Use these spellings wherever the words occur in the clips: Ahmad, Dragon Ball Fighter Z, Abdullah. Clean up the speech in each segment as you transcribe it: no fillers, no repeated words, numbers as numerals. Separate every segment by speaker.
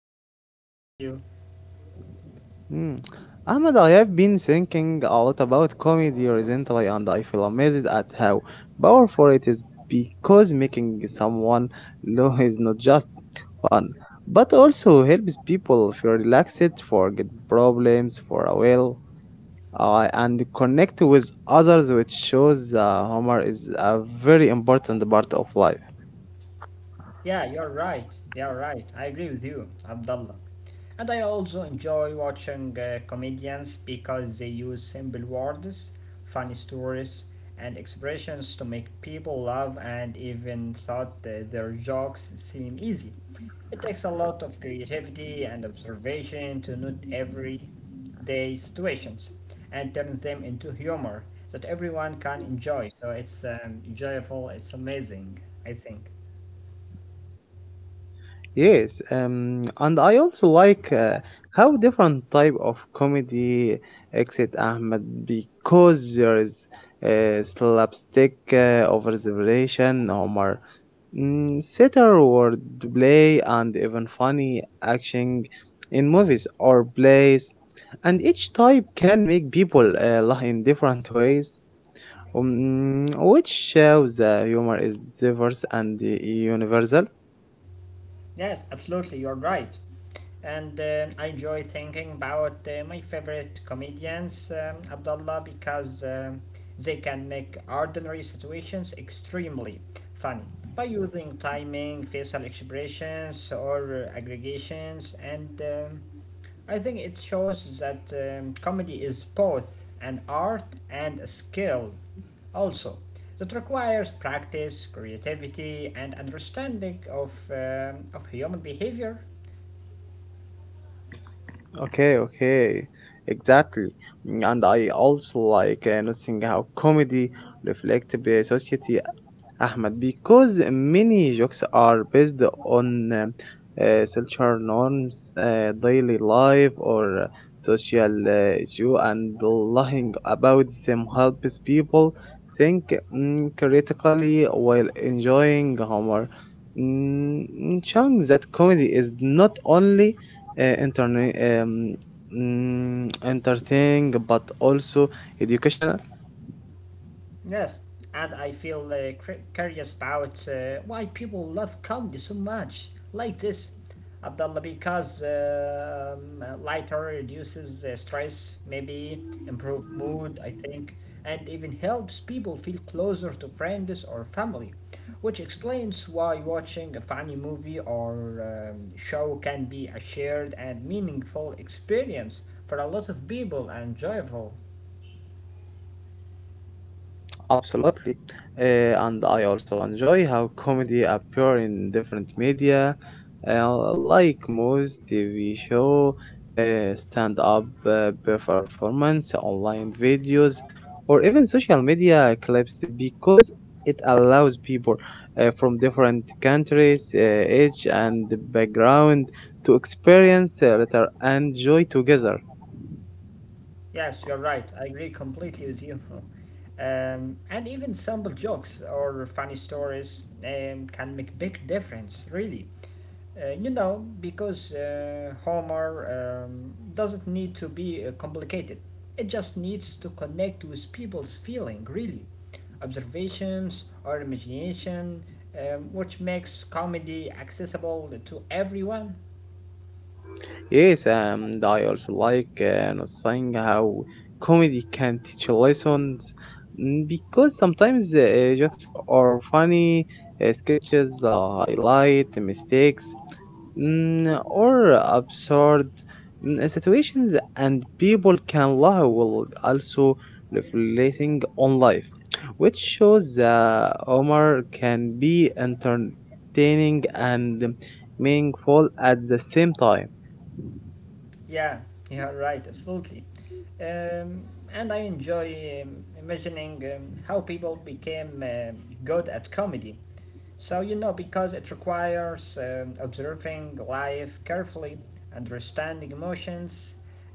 Speaker 1: I am fine, great, thank you.
Speaker 2: Hmm. Ahmad, I have been thinking a lot about comedy recently and I feel amazed at how powerful it is because making someone laugh is not just fun, but also helps people feel relaxed, forget problems for a while, and connect with others, which shows humor is a very important part of life.
Speaker 1: Yeah, you're right. You're right. I agree with you, Abdullah. And I also enjoy watching comedians because they use simple words, funny stories, and expressions to make people laugh and even thought that their jokes seem easy. It takes a lot of creativity and observation to note everyday situations and turn them into humor that everyone can enjoy. So it's enjoyable, it's amazing, I think.
Speaker 2: Yes, and I also like how different type of comedy exit Ahmed because there is slapstick, over the relation, humor, satire, word play, and even funny action in movies or plays. And each type can make people laugh in different ways, which shows the humor is diverse and universal.
Speaker 1: Yes, absolutely, you're right. And I enjoy thinking about my favorite comedians, Abdullah, because they can make ordinary situations extremely funny by using timing, facial expressions, or aggregations, and I think it shows that comedy is both an art and a skill, also, that requires practice, creativity, and understanding of human behavior.
Speaker 2: Okay, okay, exactly. And I also like noticing how comedy reflects the society Ahmed, because many jokes are based on cultural norms, daily life, or social issue, and lying about them helps people think, critically while enjoying humor, showing that comedy is not only uh, interne- um, entertaining but also educational.
Speaker 1: Yes, and I feel curious about why people love comedy so much, like this. Abdullah, because lighter reduces stress, maybe improve mood, I think, and even helps people feel closer to friends or family, which explains why watching a funny movie or show can be a shared and meaningful experience for a lot of people and joyful.
Speaker 2: Absolutely. Uh, and I also enjoy how comedy appear in different media, like movies, TV show, stand-up performance, online videos, or even social media clips because it allows people from different countries, age, and background to experience theater and joy together.
Speaker 1: Yes, you're right. I agree completely with you. And even simple jokes or funny stories can make big difference, really. You know, because Homer doesn't need to be complicated. It just needs to connect with people's feeling, really. Observations or imagination, which makes comedy accessible to everyone.
Speaker 2: Yes, and I also like not saying how comedy can teach lessons, because sometimes jokes are funny, sketches highlight mistakes, or absurd, situations, and people can laugh while also reflecting on life, which shows that humor can be entertaining and meaningful at the same time.
Speaker 1: Yeah, yeah, right, absolutely. Um, and I enjoy imagining how people became good at comedy. Because it requires observing life carefully, understanding emotions,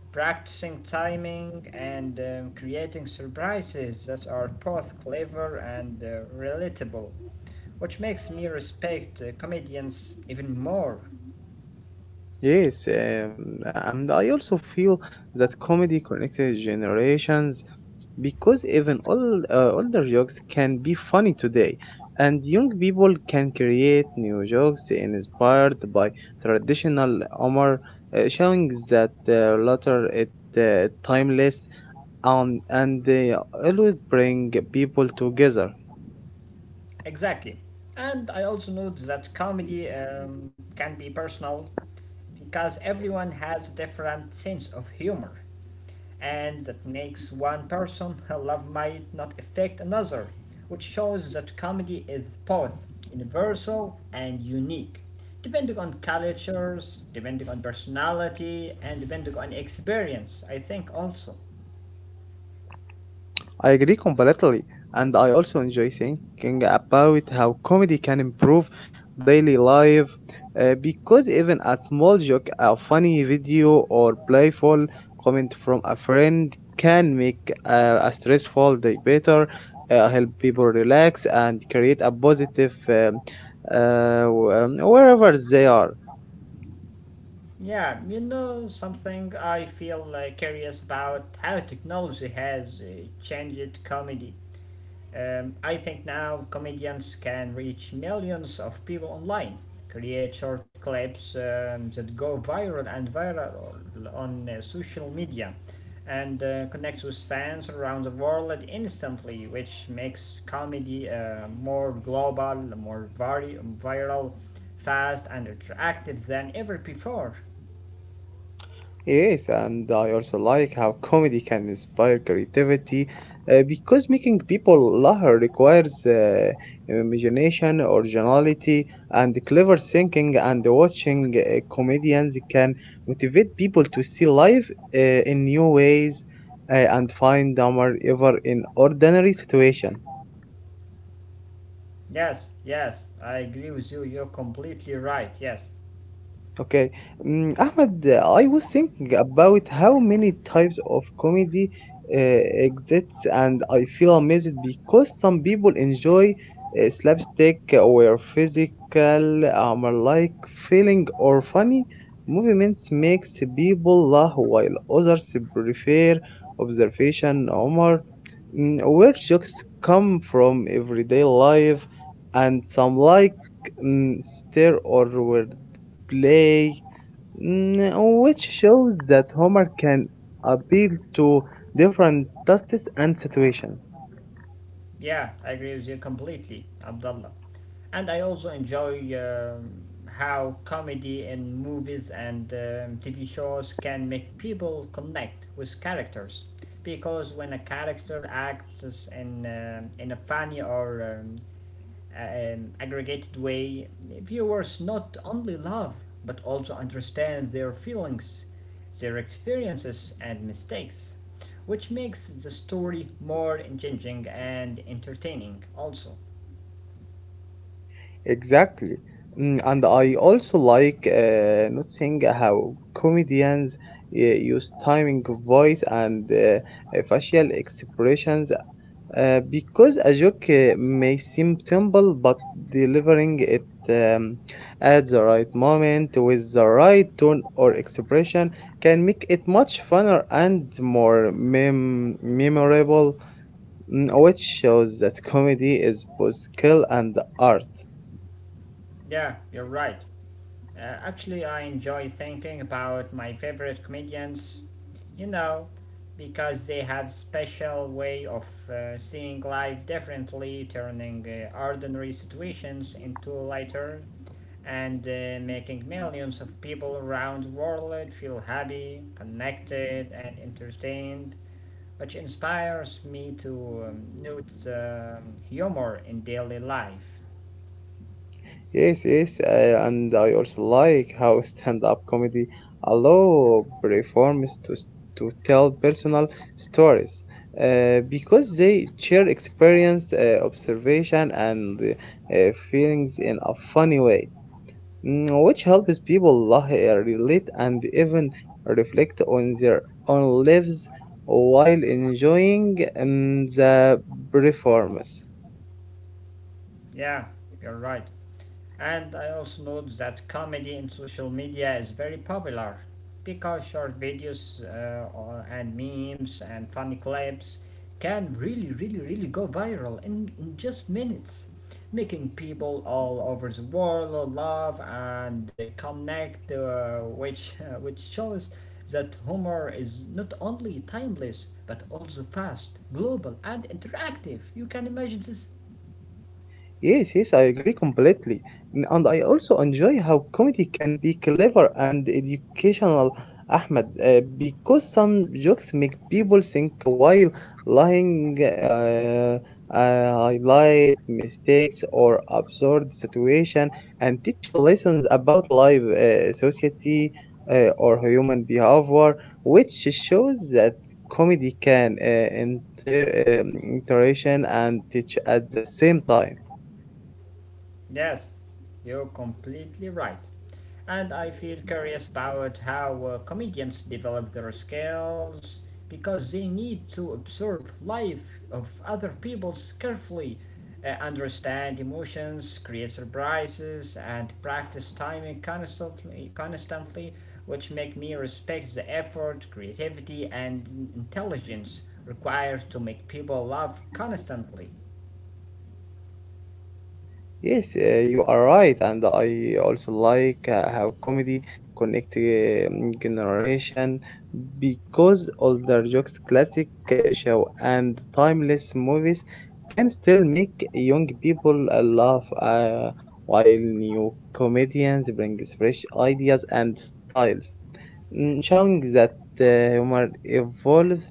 Speaker 1: practicing timing, and creating surprises that are both clever and relatable, which makes me respect comedians even more.
Speaker 2: Yes, and I also feel that comedy connected generations because even all older jokes can be funny today, and young people can create new jokes inspired by traditional humor, showing that latter is timeless and they always bring people together.
Speaker 1: Exactly. And I also note that comedy can be personal because everyone has a different sense of humor. And that makes one person love might not affect another, which shows that comedy is both universal and unique, depending on cultures, depending on personality, and depending on experience, I think also.
Speaker 2: I agree completely, and I also enjoy thinking about how comedy can improve daily life because even a small joke, a funny video, or playful comment from a friend can make a stressful day better, help people relax, and create a positive wherever they are.
Speaker 1: Yeah, you know something I feel curious about how technology has changed comedy. I think now comedians can reach millions of people online, create short clips that go viral on social media, and connect with fans around the world instantly, which makes comedy more global, viral, fast, and attractive than ever before.
Speaker 2: Yes, and I also like how comedy can inspire creativity because making people laugh requires imagination, originality, and clever thinking. And watching comedians can motivate people to see life in new ways and find humor even in ordinary situations.
Speaker 1: Yes, yes, I agree with you. You're completely right. Yes.
Speaker 2: Okay. Ahmed, I was thinking about how many types of comedy exists, and I feel amazed because some people enjoy slapstick or physical humor like feeling or funny movements makes people laugh while others prefer observation humor, where jokes come from everyday life and some like, stare or word play, which shows that humor can appeal to different tastes and situations.
Speaker 1: Yeah, I agree with you completely, Abdullah. And I also enjoy how comedy in movies and TV shows can make people connect with characters. Because when a character acts in a funny or aggregated way, viewers not only love but also understand their feelings, their experiences, and mistakes, which makes the story more engaging and entertaining, also.
Speaker 2: Exactly. And I also like noticing how comedians use timing of voice and facial expressions because a joke may seem simple, but delivering it at the right moment with the right tone or expression can make it much funner and more memorable, which shows that comedy is both skill and art.
Speaker 1: Yeah, you're right. Actually, I enjoy thinking about my favorite comedians, you know, because they have special way of seeing life differently, turning ordinary situations into lighter, and making millions of people around the world feel happy, connected, and entertained, which inspires me to note humor in daily life.
Speaker 2: Yes, and I also like how stand-up comedy allow performers to tell personal stories, because they share experience, observation, and feelings in a funny way, which helps people laugh, relate, and even reflect on their own lives while enjoying the performance.
Speaker 1: Yeah, you're right. And I also note that comedy in social media is very popular because short videos and memes and funny clips can really, really, really go viral in just minutes, making people all over the world laugh and connect, which, which shows that humor is not only timeless but also fast, global, and interactive. You can imagine this.
Speaker 2: Yes, yes, I agree completely. And I also enjoy how comedy can be clever and educational, Ahmed, because some jokes make people think while lying, highlight mistakes or absurd situation, and teach lessons about life, society, or human behavior, which shows that comedy can inter interaction and teach at the same time.
Speaker 1: Yes, you're completely right. And I feel curious about how comedians develop their skills because they need to observe life of other people carefully, understand emotions, create surprises, and practice timing constantly, which make me respect the effort, creativity, and intelligence required to make people laugh constantly.
Speaker 2: Yes, you are right, and I also like how comedy connect generation because older jokes, classic show, and timeless movies can still make young people laugh, while new comedians bring fresh ideas and styles, showing that humor evolves,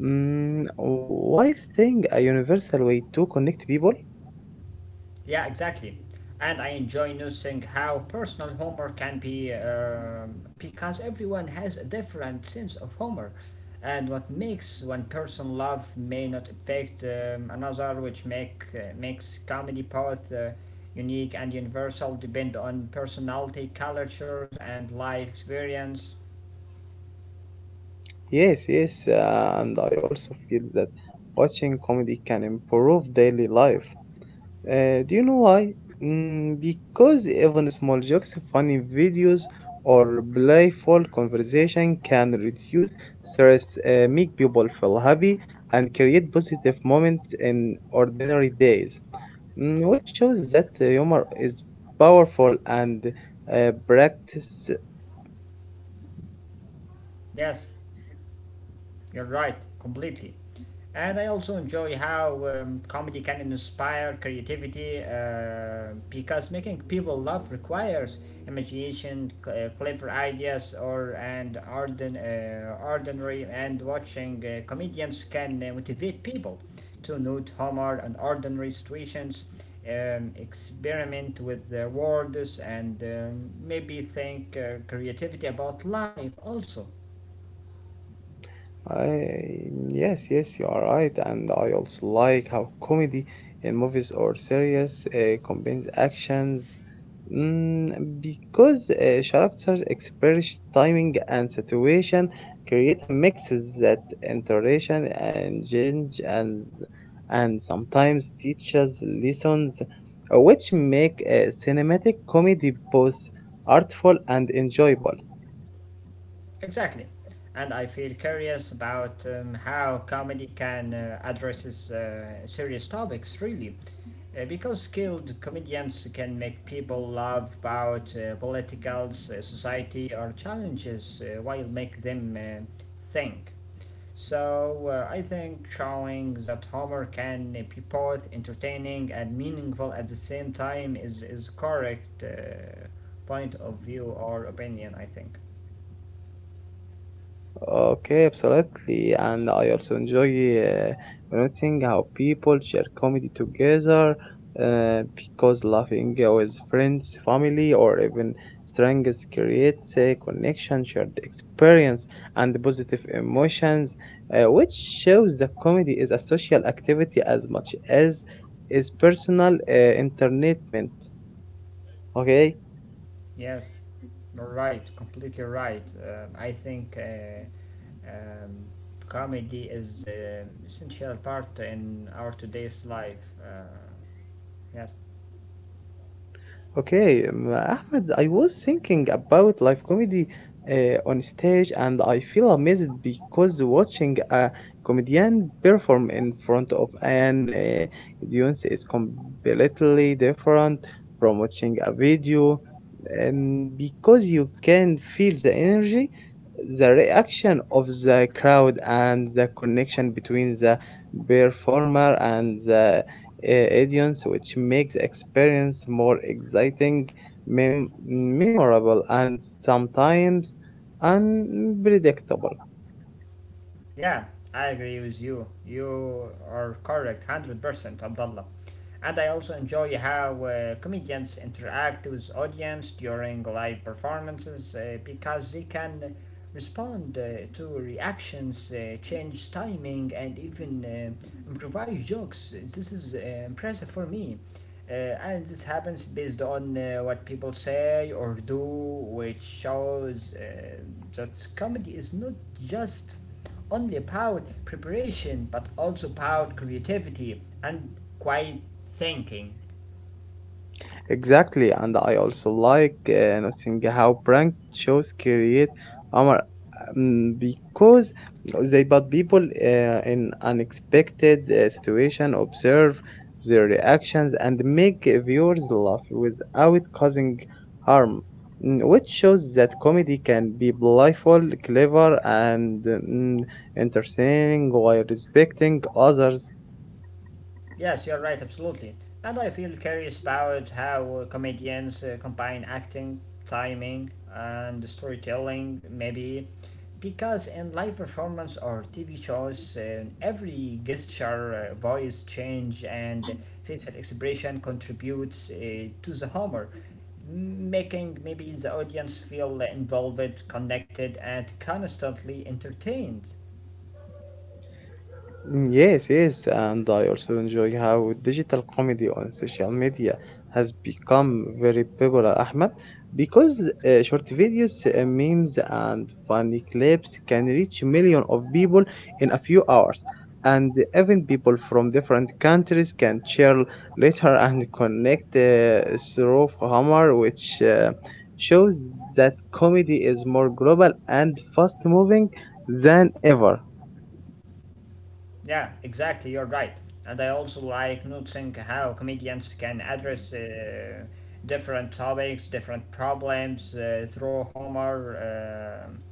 Speaker 2: while staying a universal way to connect people.
Speaker 1: Yeah, exactly. And I enjoy noticing how personal humor can be because everyone has a different sense of humor. And what makes one person laugh may not affect another, which make makes comedy both unique and universal, depend on personality, cultures, and life experience.
Speaker 2: Yes, and I also feel that watching comedy can improve daily life. Do you know why? Because even small jokes, funny videos, or playful conversation can reduce stress, make people feel happy, and create positive moments in ordinary days, which shows that humor is powerful and practice.
Speaker 1: Yes. You're right, completely. And I also enjoy how comedy can inspire creativity because making people laugh requires imagination, clever ideas, or and ardent, ordinary. And watching comedians can motivate people to note humor and ordinary situations, experiment with their words, and maybe think creativity about life also.
Speaker 2: I yes, you are right, and I also like how comedy in movies or series combines actions, mm, because characters express timing and situation, create a mix that interaction and change and sometimes teaches lessons, which make cinematic comedy both artful and enjoyable.
Speaker 1: Exactly. And I feel curious about how comedy can addresses serious topics really. Because skilled comedians can make people laugh about politicals, society or challenges while make them think. So I think showing that humor can be both entertaining and meaningful at the same time is correct point of view or opinion I think.
Speaker 2: Okay, absolutely. And I also enjoy noting how people share comedy together because laughing with friends, family, or even strangers creates a connection, shared experience, and positive emotions, which shows that comedy is a social activity as much as is personal entertainment. Okay?
Speaker 1: Yes, you're right, completely right. I think um, comedy is an essential part in our today's life. Yes,
Speaker 2: Okay, Ahmed, I was thinking about live comedy on stage, and I feel amazed because watching a comedian perform in front of an audience is completely different from watching a video, and because you can feel the energy, the reaction of the crowd, and the connection between the performer and the uh, audience, which makes experience more exciting, memorable, and sometimes unpredictable.
Speaker 1: yeah, I agree with you. You are correct, 100%, Abdullah. And I also enjoy how comedians interact with audience during live performances because they can respond to reactions, change timing, and even improvise jokes. This is impressive for me. And this happens based on what people say or do, which shows that comedy is not just only about preparation but also about creativity and quiet thinking.
Speaker 2: Exactly, and I also like noticing how prank shows create humor, because they put people in unexpected situation, observe their reactions, and make viewers laugh without causing harm, which shows that comedy can be playful, clever, and, entertaining while respecting others.
Speaker 1: Yes, you're right, absolutely. And I feel curious about how comedians combine acting, timing, and storytelling, maybe. Because in live performance or TV shows, every gesture, voice change, and facial expression contributes to the humor, making maybe the audience feel involved, connected, and constantly entertained.
Speaker 2: Yes, and I also enjoy how digital comedy on social media has become very popular, Ahmed, because short videos, memes, and funny clips can reach millions of people in a few hours. And even people from different countries can share later and connect through humor, which shows that comedy is more global and fast moving than ever.
Speaker 1: Yeah, exactly, you're right. And I also like noticing how comedians can address different topics, different problems through humor.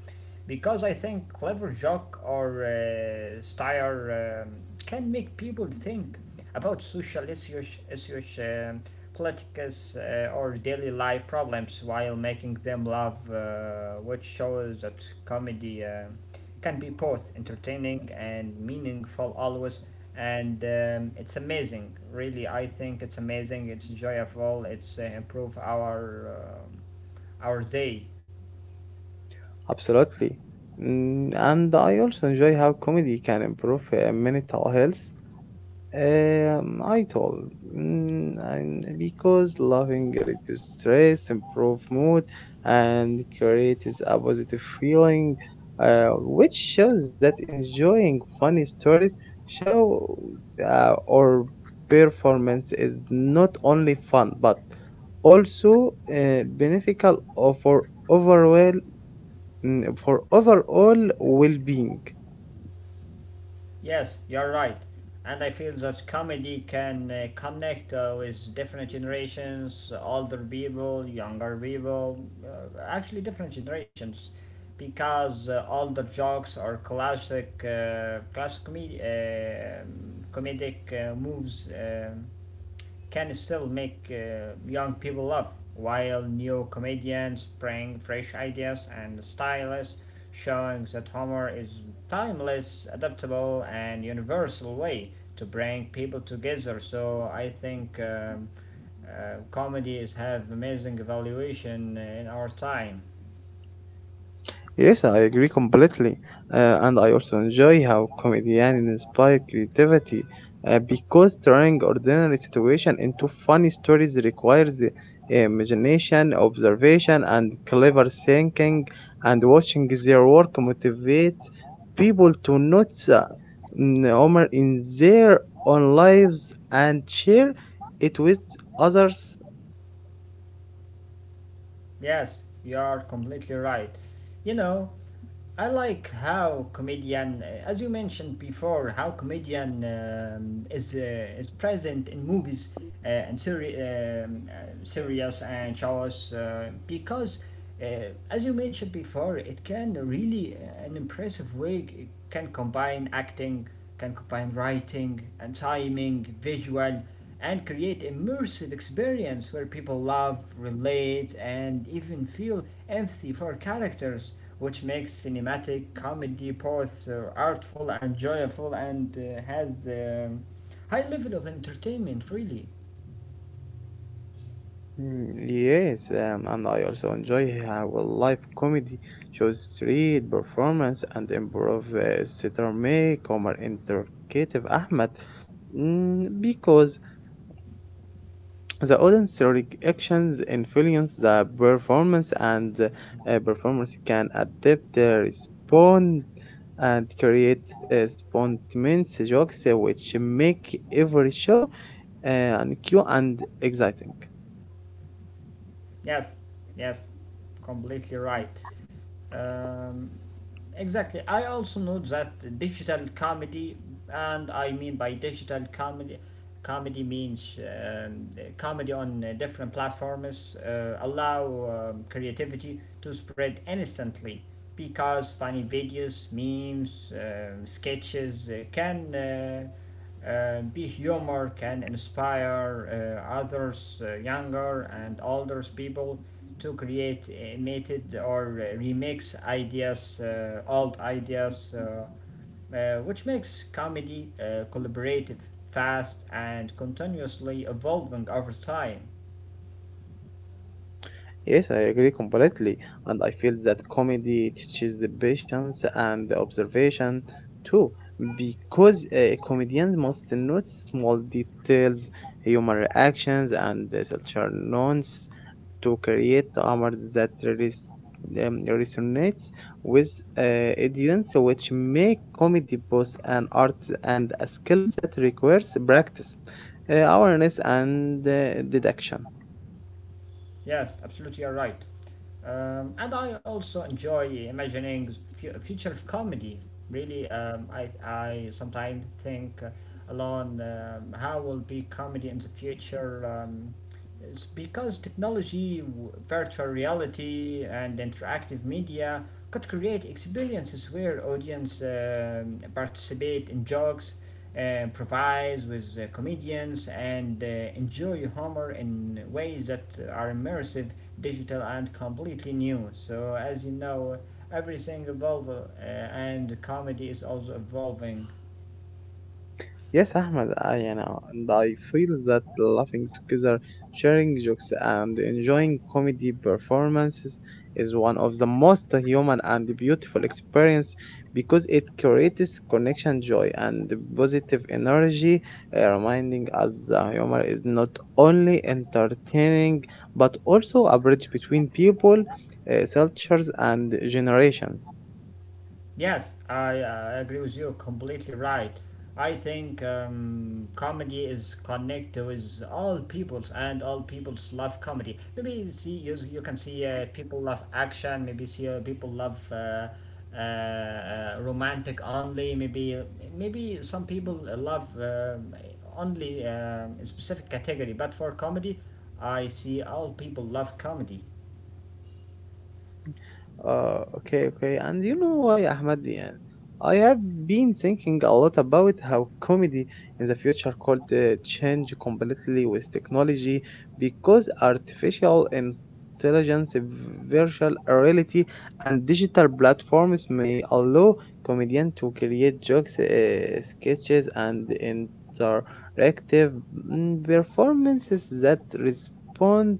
Speaker 1: Because I think clever joke or style can make people think about social issues, politics, or daily life problems while making them laugh, which shows that comedy can be both entertaining and meaningful always and it's amazing really I think it's amazing it's joyful it's improve our day.
Speaker 2: Absolutely. And I also enjoy how comedy can improve mental health. I told, and because laughing reduces stress, improve mood, and creates a positive feeling, uh, which shows that enjoying funny stories shows or performance is not only fun but also beneficial for overall, for overall well-being.
Speaker 1: Yes, you're right. And I feel that comedy can connect with different generations, older people, younger people, actually different generations, because older jokes are classic, comedic moves. Can still make young people laugh, while new comedians bring fresh ideas and styles, showing that humor is timeless, adaptable, and universal way to bring people together. So I think comedy have amazing evaluation in our time.
Speaker 2: Yes, I agree completely, and I also enjoy how comedians inspire creativity because turning ordinary situation into funny stories requires the imagination, observation, and clever thinking. And watching their work motivates people to notice humor in their own lives and share it with others.
Speaker 1: Yes, you are completely right. You know, I like how comedian, as you mentioned before, how comedian is present in movies and serious and shows because as you mentioned before, it can really, an impressive way, it can combine acting, can combine writing and timing, visual, and create immersive experience where people love, relate, and even feel empathy for characters, which makes cinematic comedy both artful and joyful and has high level of entertainment, really.
Speaker 2: Yes, and I also enjoy how live comedy shows street performance and improv theater make Omar interrogative Ahmed, because the audience reactions influence the performance and performers can adapt, respond, and create spontaneous jokes which make every show and cute and exciting.
Speaker 1: Yes, yes, completely right. Um, exactly. I also note that digital comedy, and I mean by digital comedy, comedy means comedy on different platforms, allow creativity to spread instantly because funny videos, memes, sketches can. Be humor can inspire others, younger and older people, to create imitated or remix ideas, old ideas, which makes comedy collaborative, fast, and continuously evolving over time.
Speaker 2: Yes, I agree completely, and I feel that comedy teaches the patience and the observation too, because comedians must notice small details, human reactions, and cultural nuance to create humor that resonates with uh, audience, which make comedy both an art and a skill that requires practice, awareness, and deduction.
Speaker 1: Yes, absolutely, you're right. And I also enjoy imagining future of comedy. Really, I sometimes think alone how will be comedy in the future. It's because technology, virtual reality, and interactive media could create experiences where audience participate in jokes, improvise with comedians, and enjoy humor in ways that are immersive, digital, and completely new. So, as you know, everything evolves, and comedy is also evolving.
Speaker 2: Yes, Ahmed, I, you know, and I feel that laughing together, sharing jokes, and enjoying comedy performances is one of the most human and beautiful experience because it creates connection, joy, and positive energy, reminding us that humor is not only entertaining but also a bridge between people, cultures, and generations.
Speaker 1: Yes, I agree with you completely right. I think comedy is connected with all peoples and all peoples love comedy. Maybe see you, you can see people love action, maybe see people love romantic only, maybe some people love only a specific category, but for comedy, I see all people love comedy.
Speaker 2: Okay, okay. And you know why, Ahmad? Yeah, I have been thinking a lot about how comedy in the future could change completely with technology because artificial intelligence, virtual reality, and digital platforms may allow comedians to create jokes, sketches, and interactive, performances that respond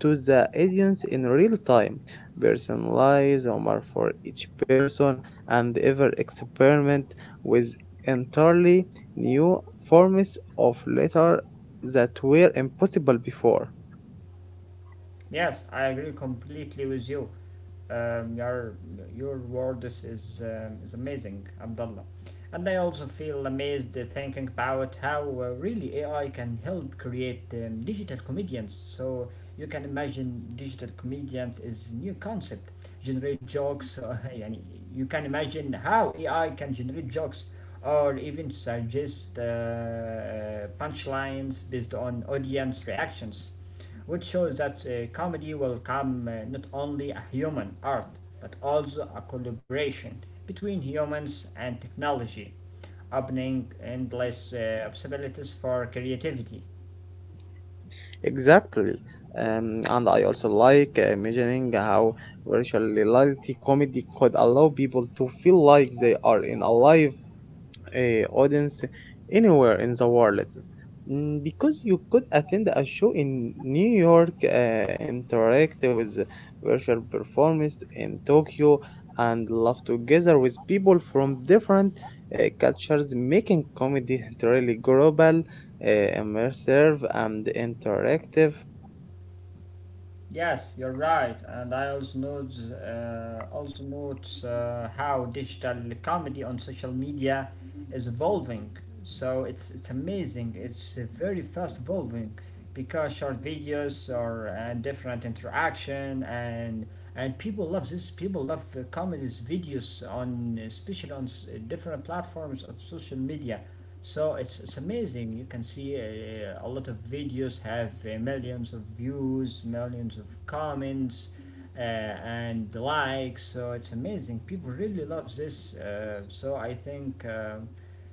Speaker 2: to the audience in real time personalize Omar for each person, and ever experiment with entirely new forms of letter that were impossible before.
Speaker 1: Yes, I agree completely with you. Um, your your words is amazing, Abdullah. And I also feel amazed thinking about how really AI can help create digital comedians. So you can imagine digital comedians is new concept, generate jokes. Yani you can imagine how AI can generate jokes or even suggest punchlines based on audience reactions which shows that comedy will come not only a human art but also a collaboration between humans and technology, opening endless possibilities for creativity.
Speaker 2: Exactly. And I also like imagining how virtual reality comedy could allow people to feel like they are in a live audience anywhere in the world, because you could attend a show in New York, interact with virtual performers in Tokyo, and laugh together with people from different cultures, making comedy really global, immersive, and interactive.
Speaker 1: Yes, you're right, and I also note how digital comedy on social media is evolving. So it's amazing. It's very fast evolving because short videos or and different interaction and people love this. People love comedies videos on especially on different platforms of social media. So it's amazing. You can see a lot of videos have millions of views, millions of comments, and likes. So it's amazing. People really love this. So I think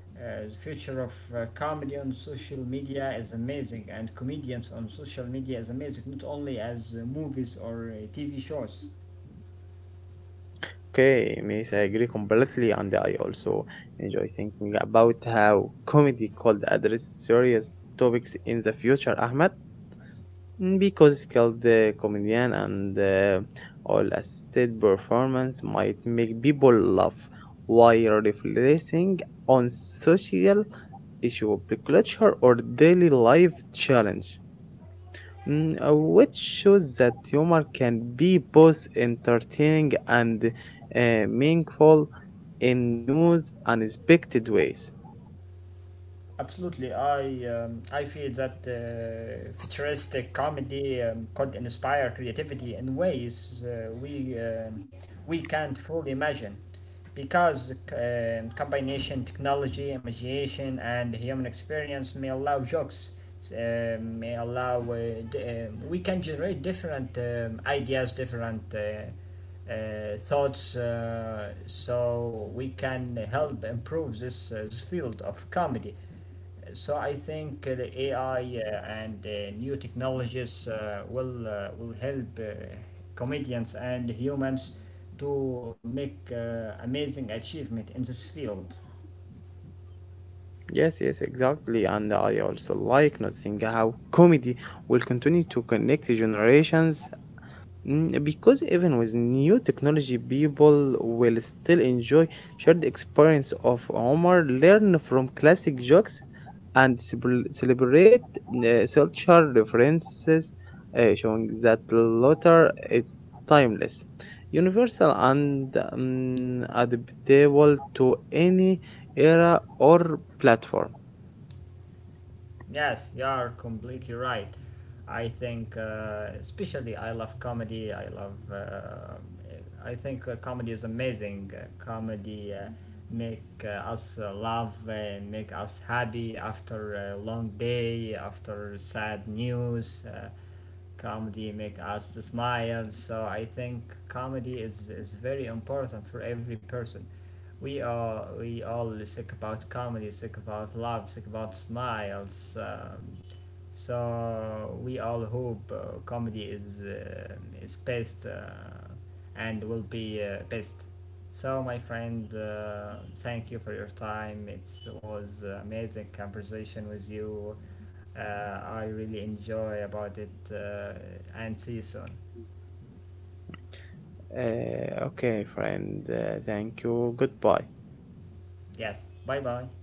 Speaker 1: the future of comedy on social media is amazing, and comedians on social media is amazing, not only as movies or TV shows.
Speaker 2: Okay, Miss, I agree completely, and I also enjoy thinking about how comedy could address serious topics in the future, Ahmed. Because skilled comedian and all assisted performance might make people laugh while reflecting on social issue, culture, or daily life challenge, which shows that humor can be both entertaining and uh, meaningful in new, unexpected ways.
Speaker 1: Absolutely, I feel that futuristic comedy could inspire creativity in ways we can't fully imagine, because combination technology, imagination, and human experience may allow jokes, uh, may allow uh, we can generate different ideas, different. Thoughts so we can help improve this, this field of comedy so I think the AI and new technologies will help comedians and humans to make amazing achievement in this field.
Speaker 2: Yes, yes, exactly. And I also like noticing how comedy will continue to connect generations, because even with new technology, people will still enjoy shared experience of humor, learn from classic jokes, and celebrate cultural references, showing that laughter is timeless, universal, and adaptable to any era or platform.
Speaker 1: Yes, you are completely right. I think, especially, I love comedy. I love. I think comedy is amazing. Comedy make us laugh and make us happy after a long day, after sad news. Comedy make us smile so I think comedy is very important for every person we all sick about comedy sick about love sick about smiles so we all hope comedy is best and will be best so my friend thank you for your time it was an amazing conversation with you uh, I really enjoy about it and see you soon.
Speaker 2: Okay, friend. Thank you. Goodbye.
Speaker 1: Yes, bye bye.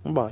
Speaker 2: Bye.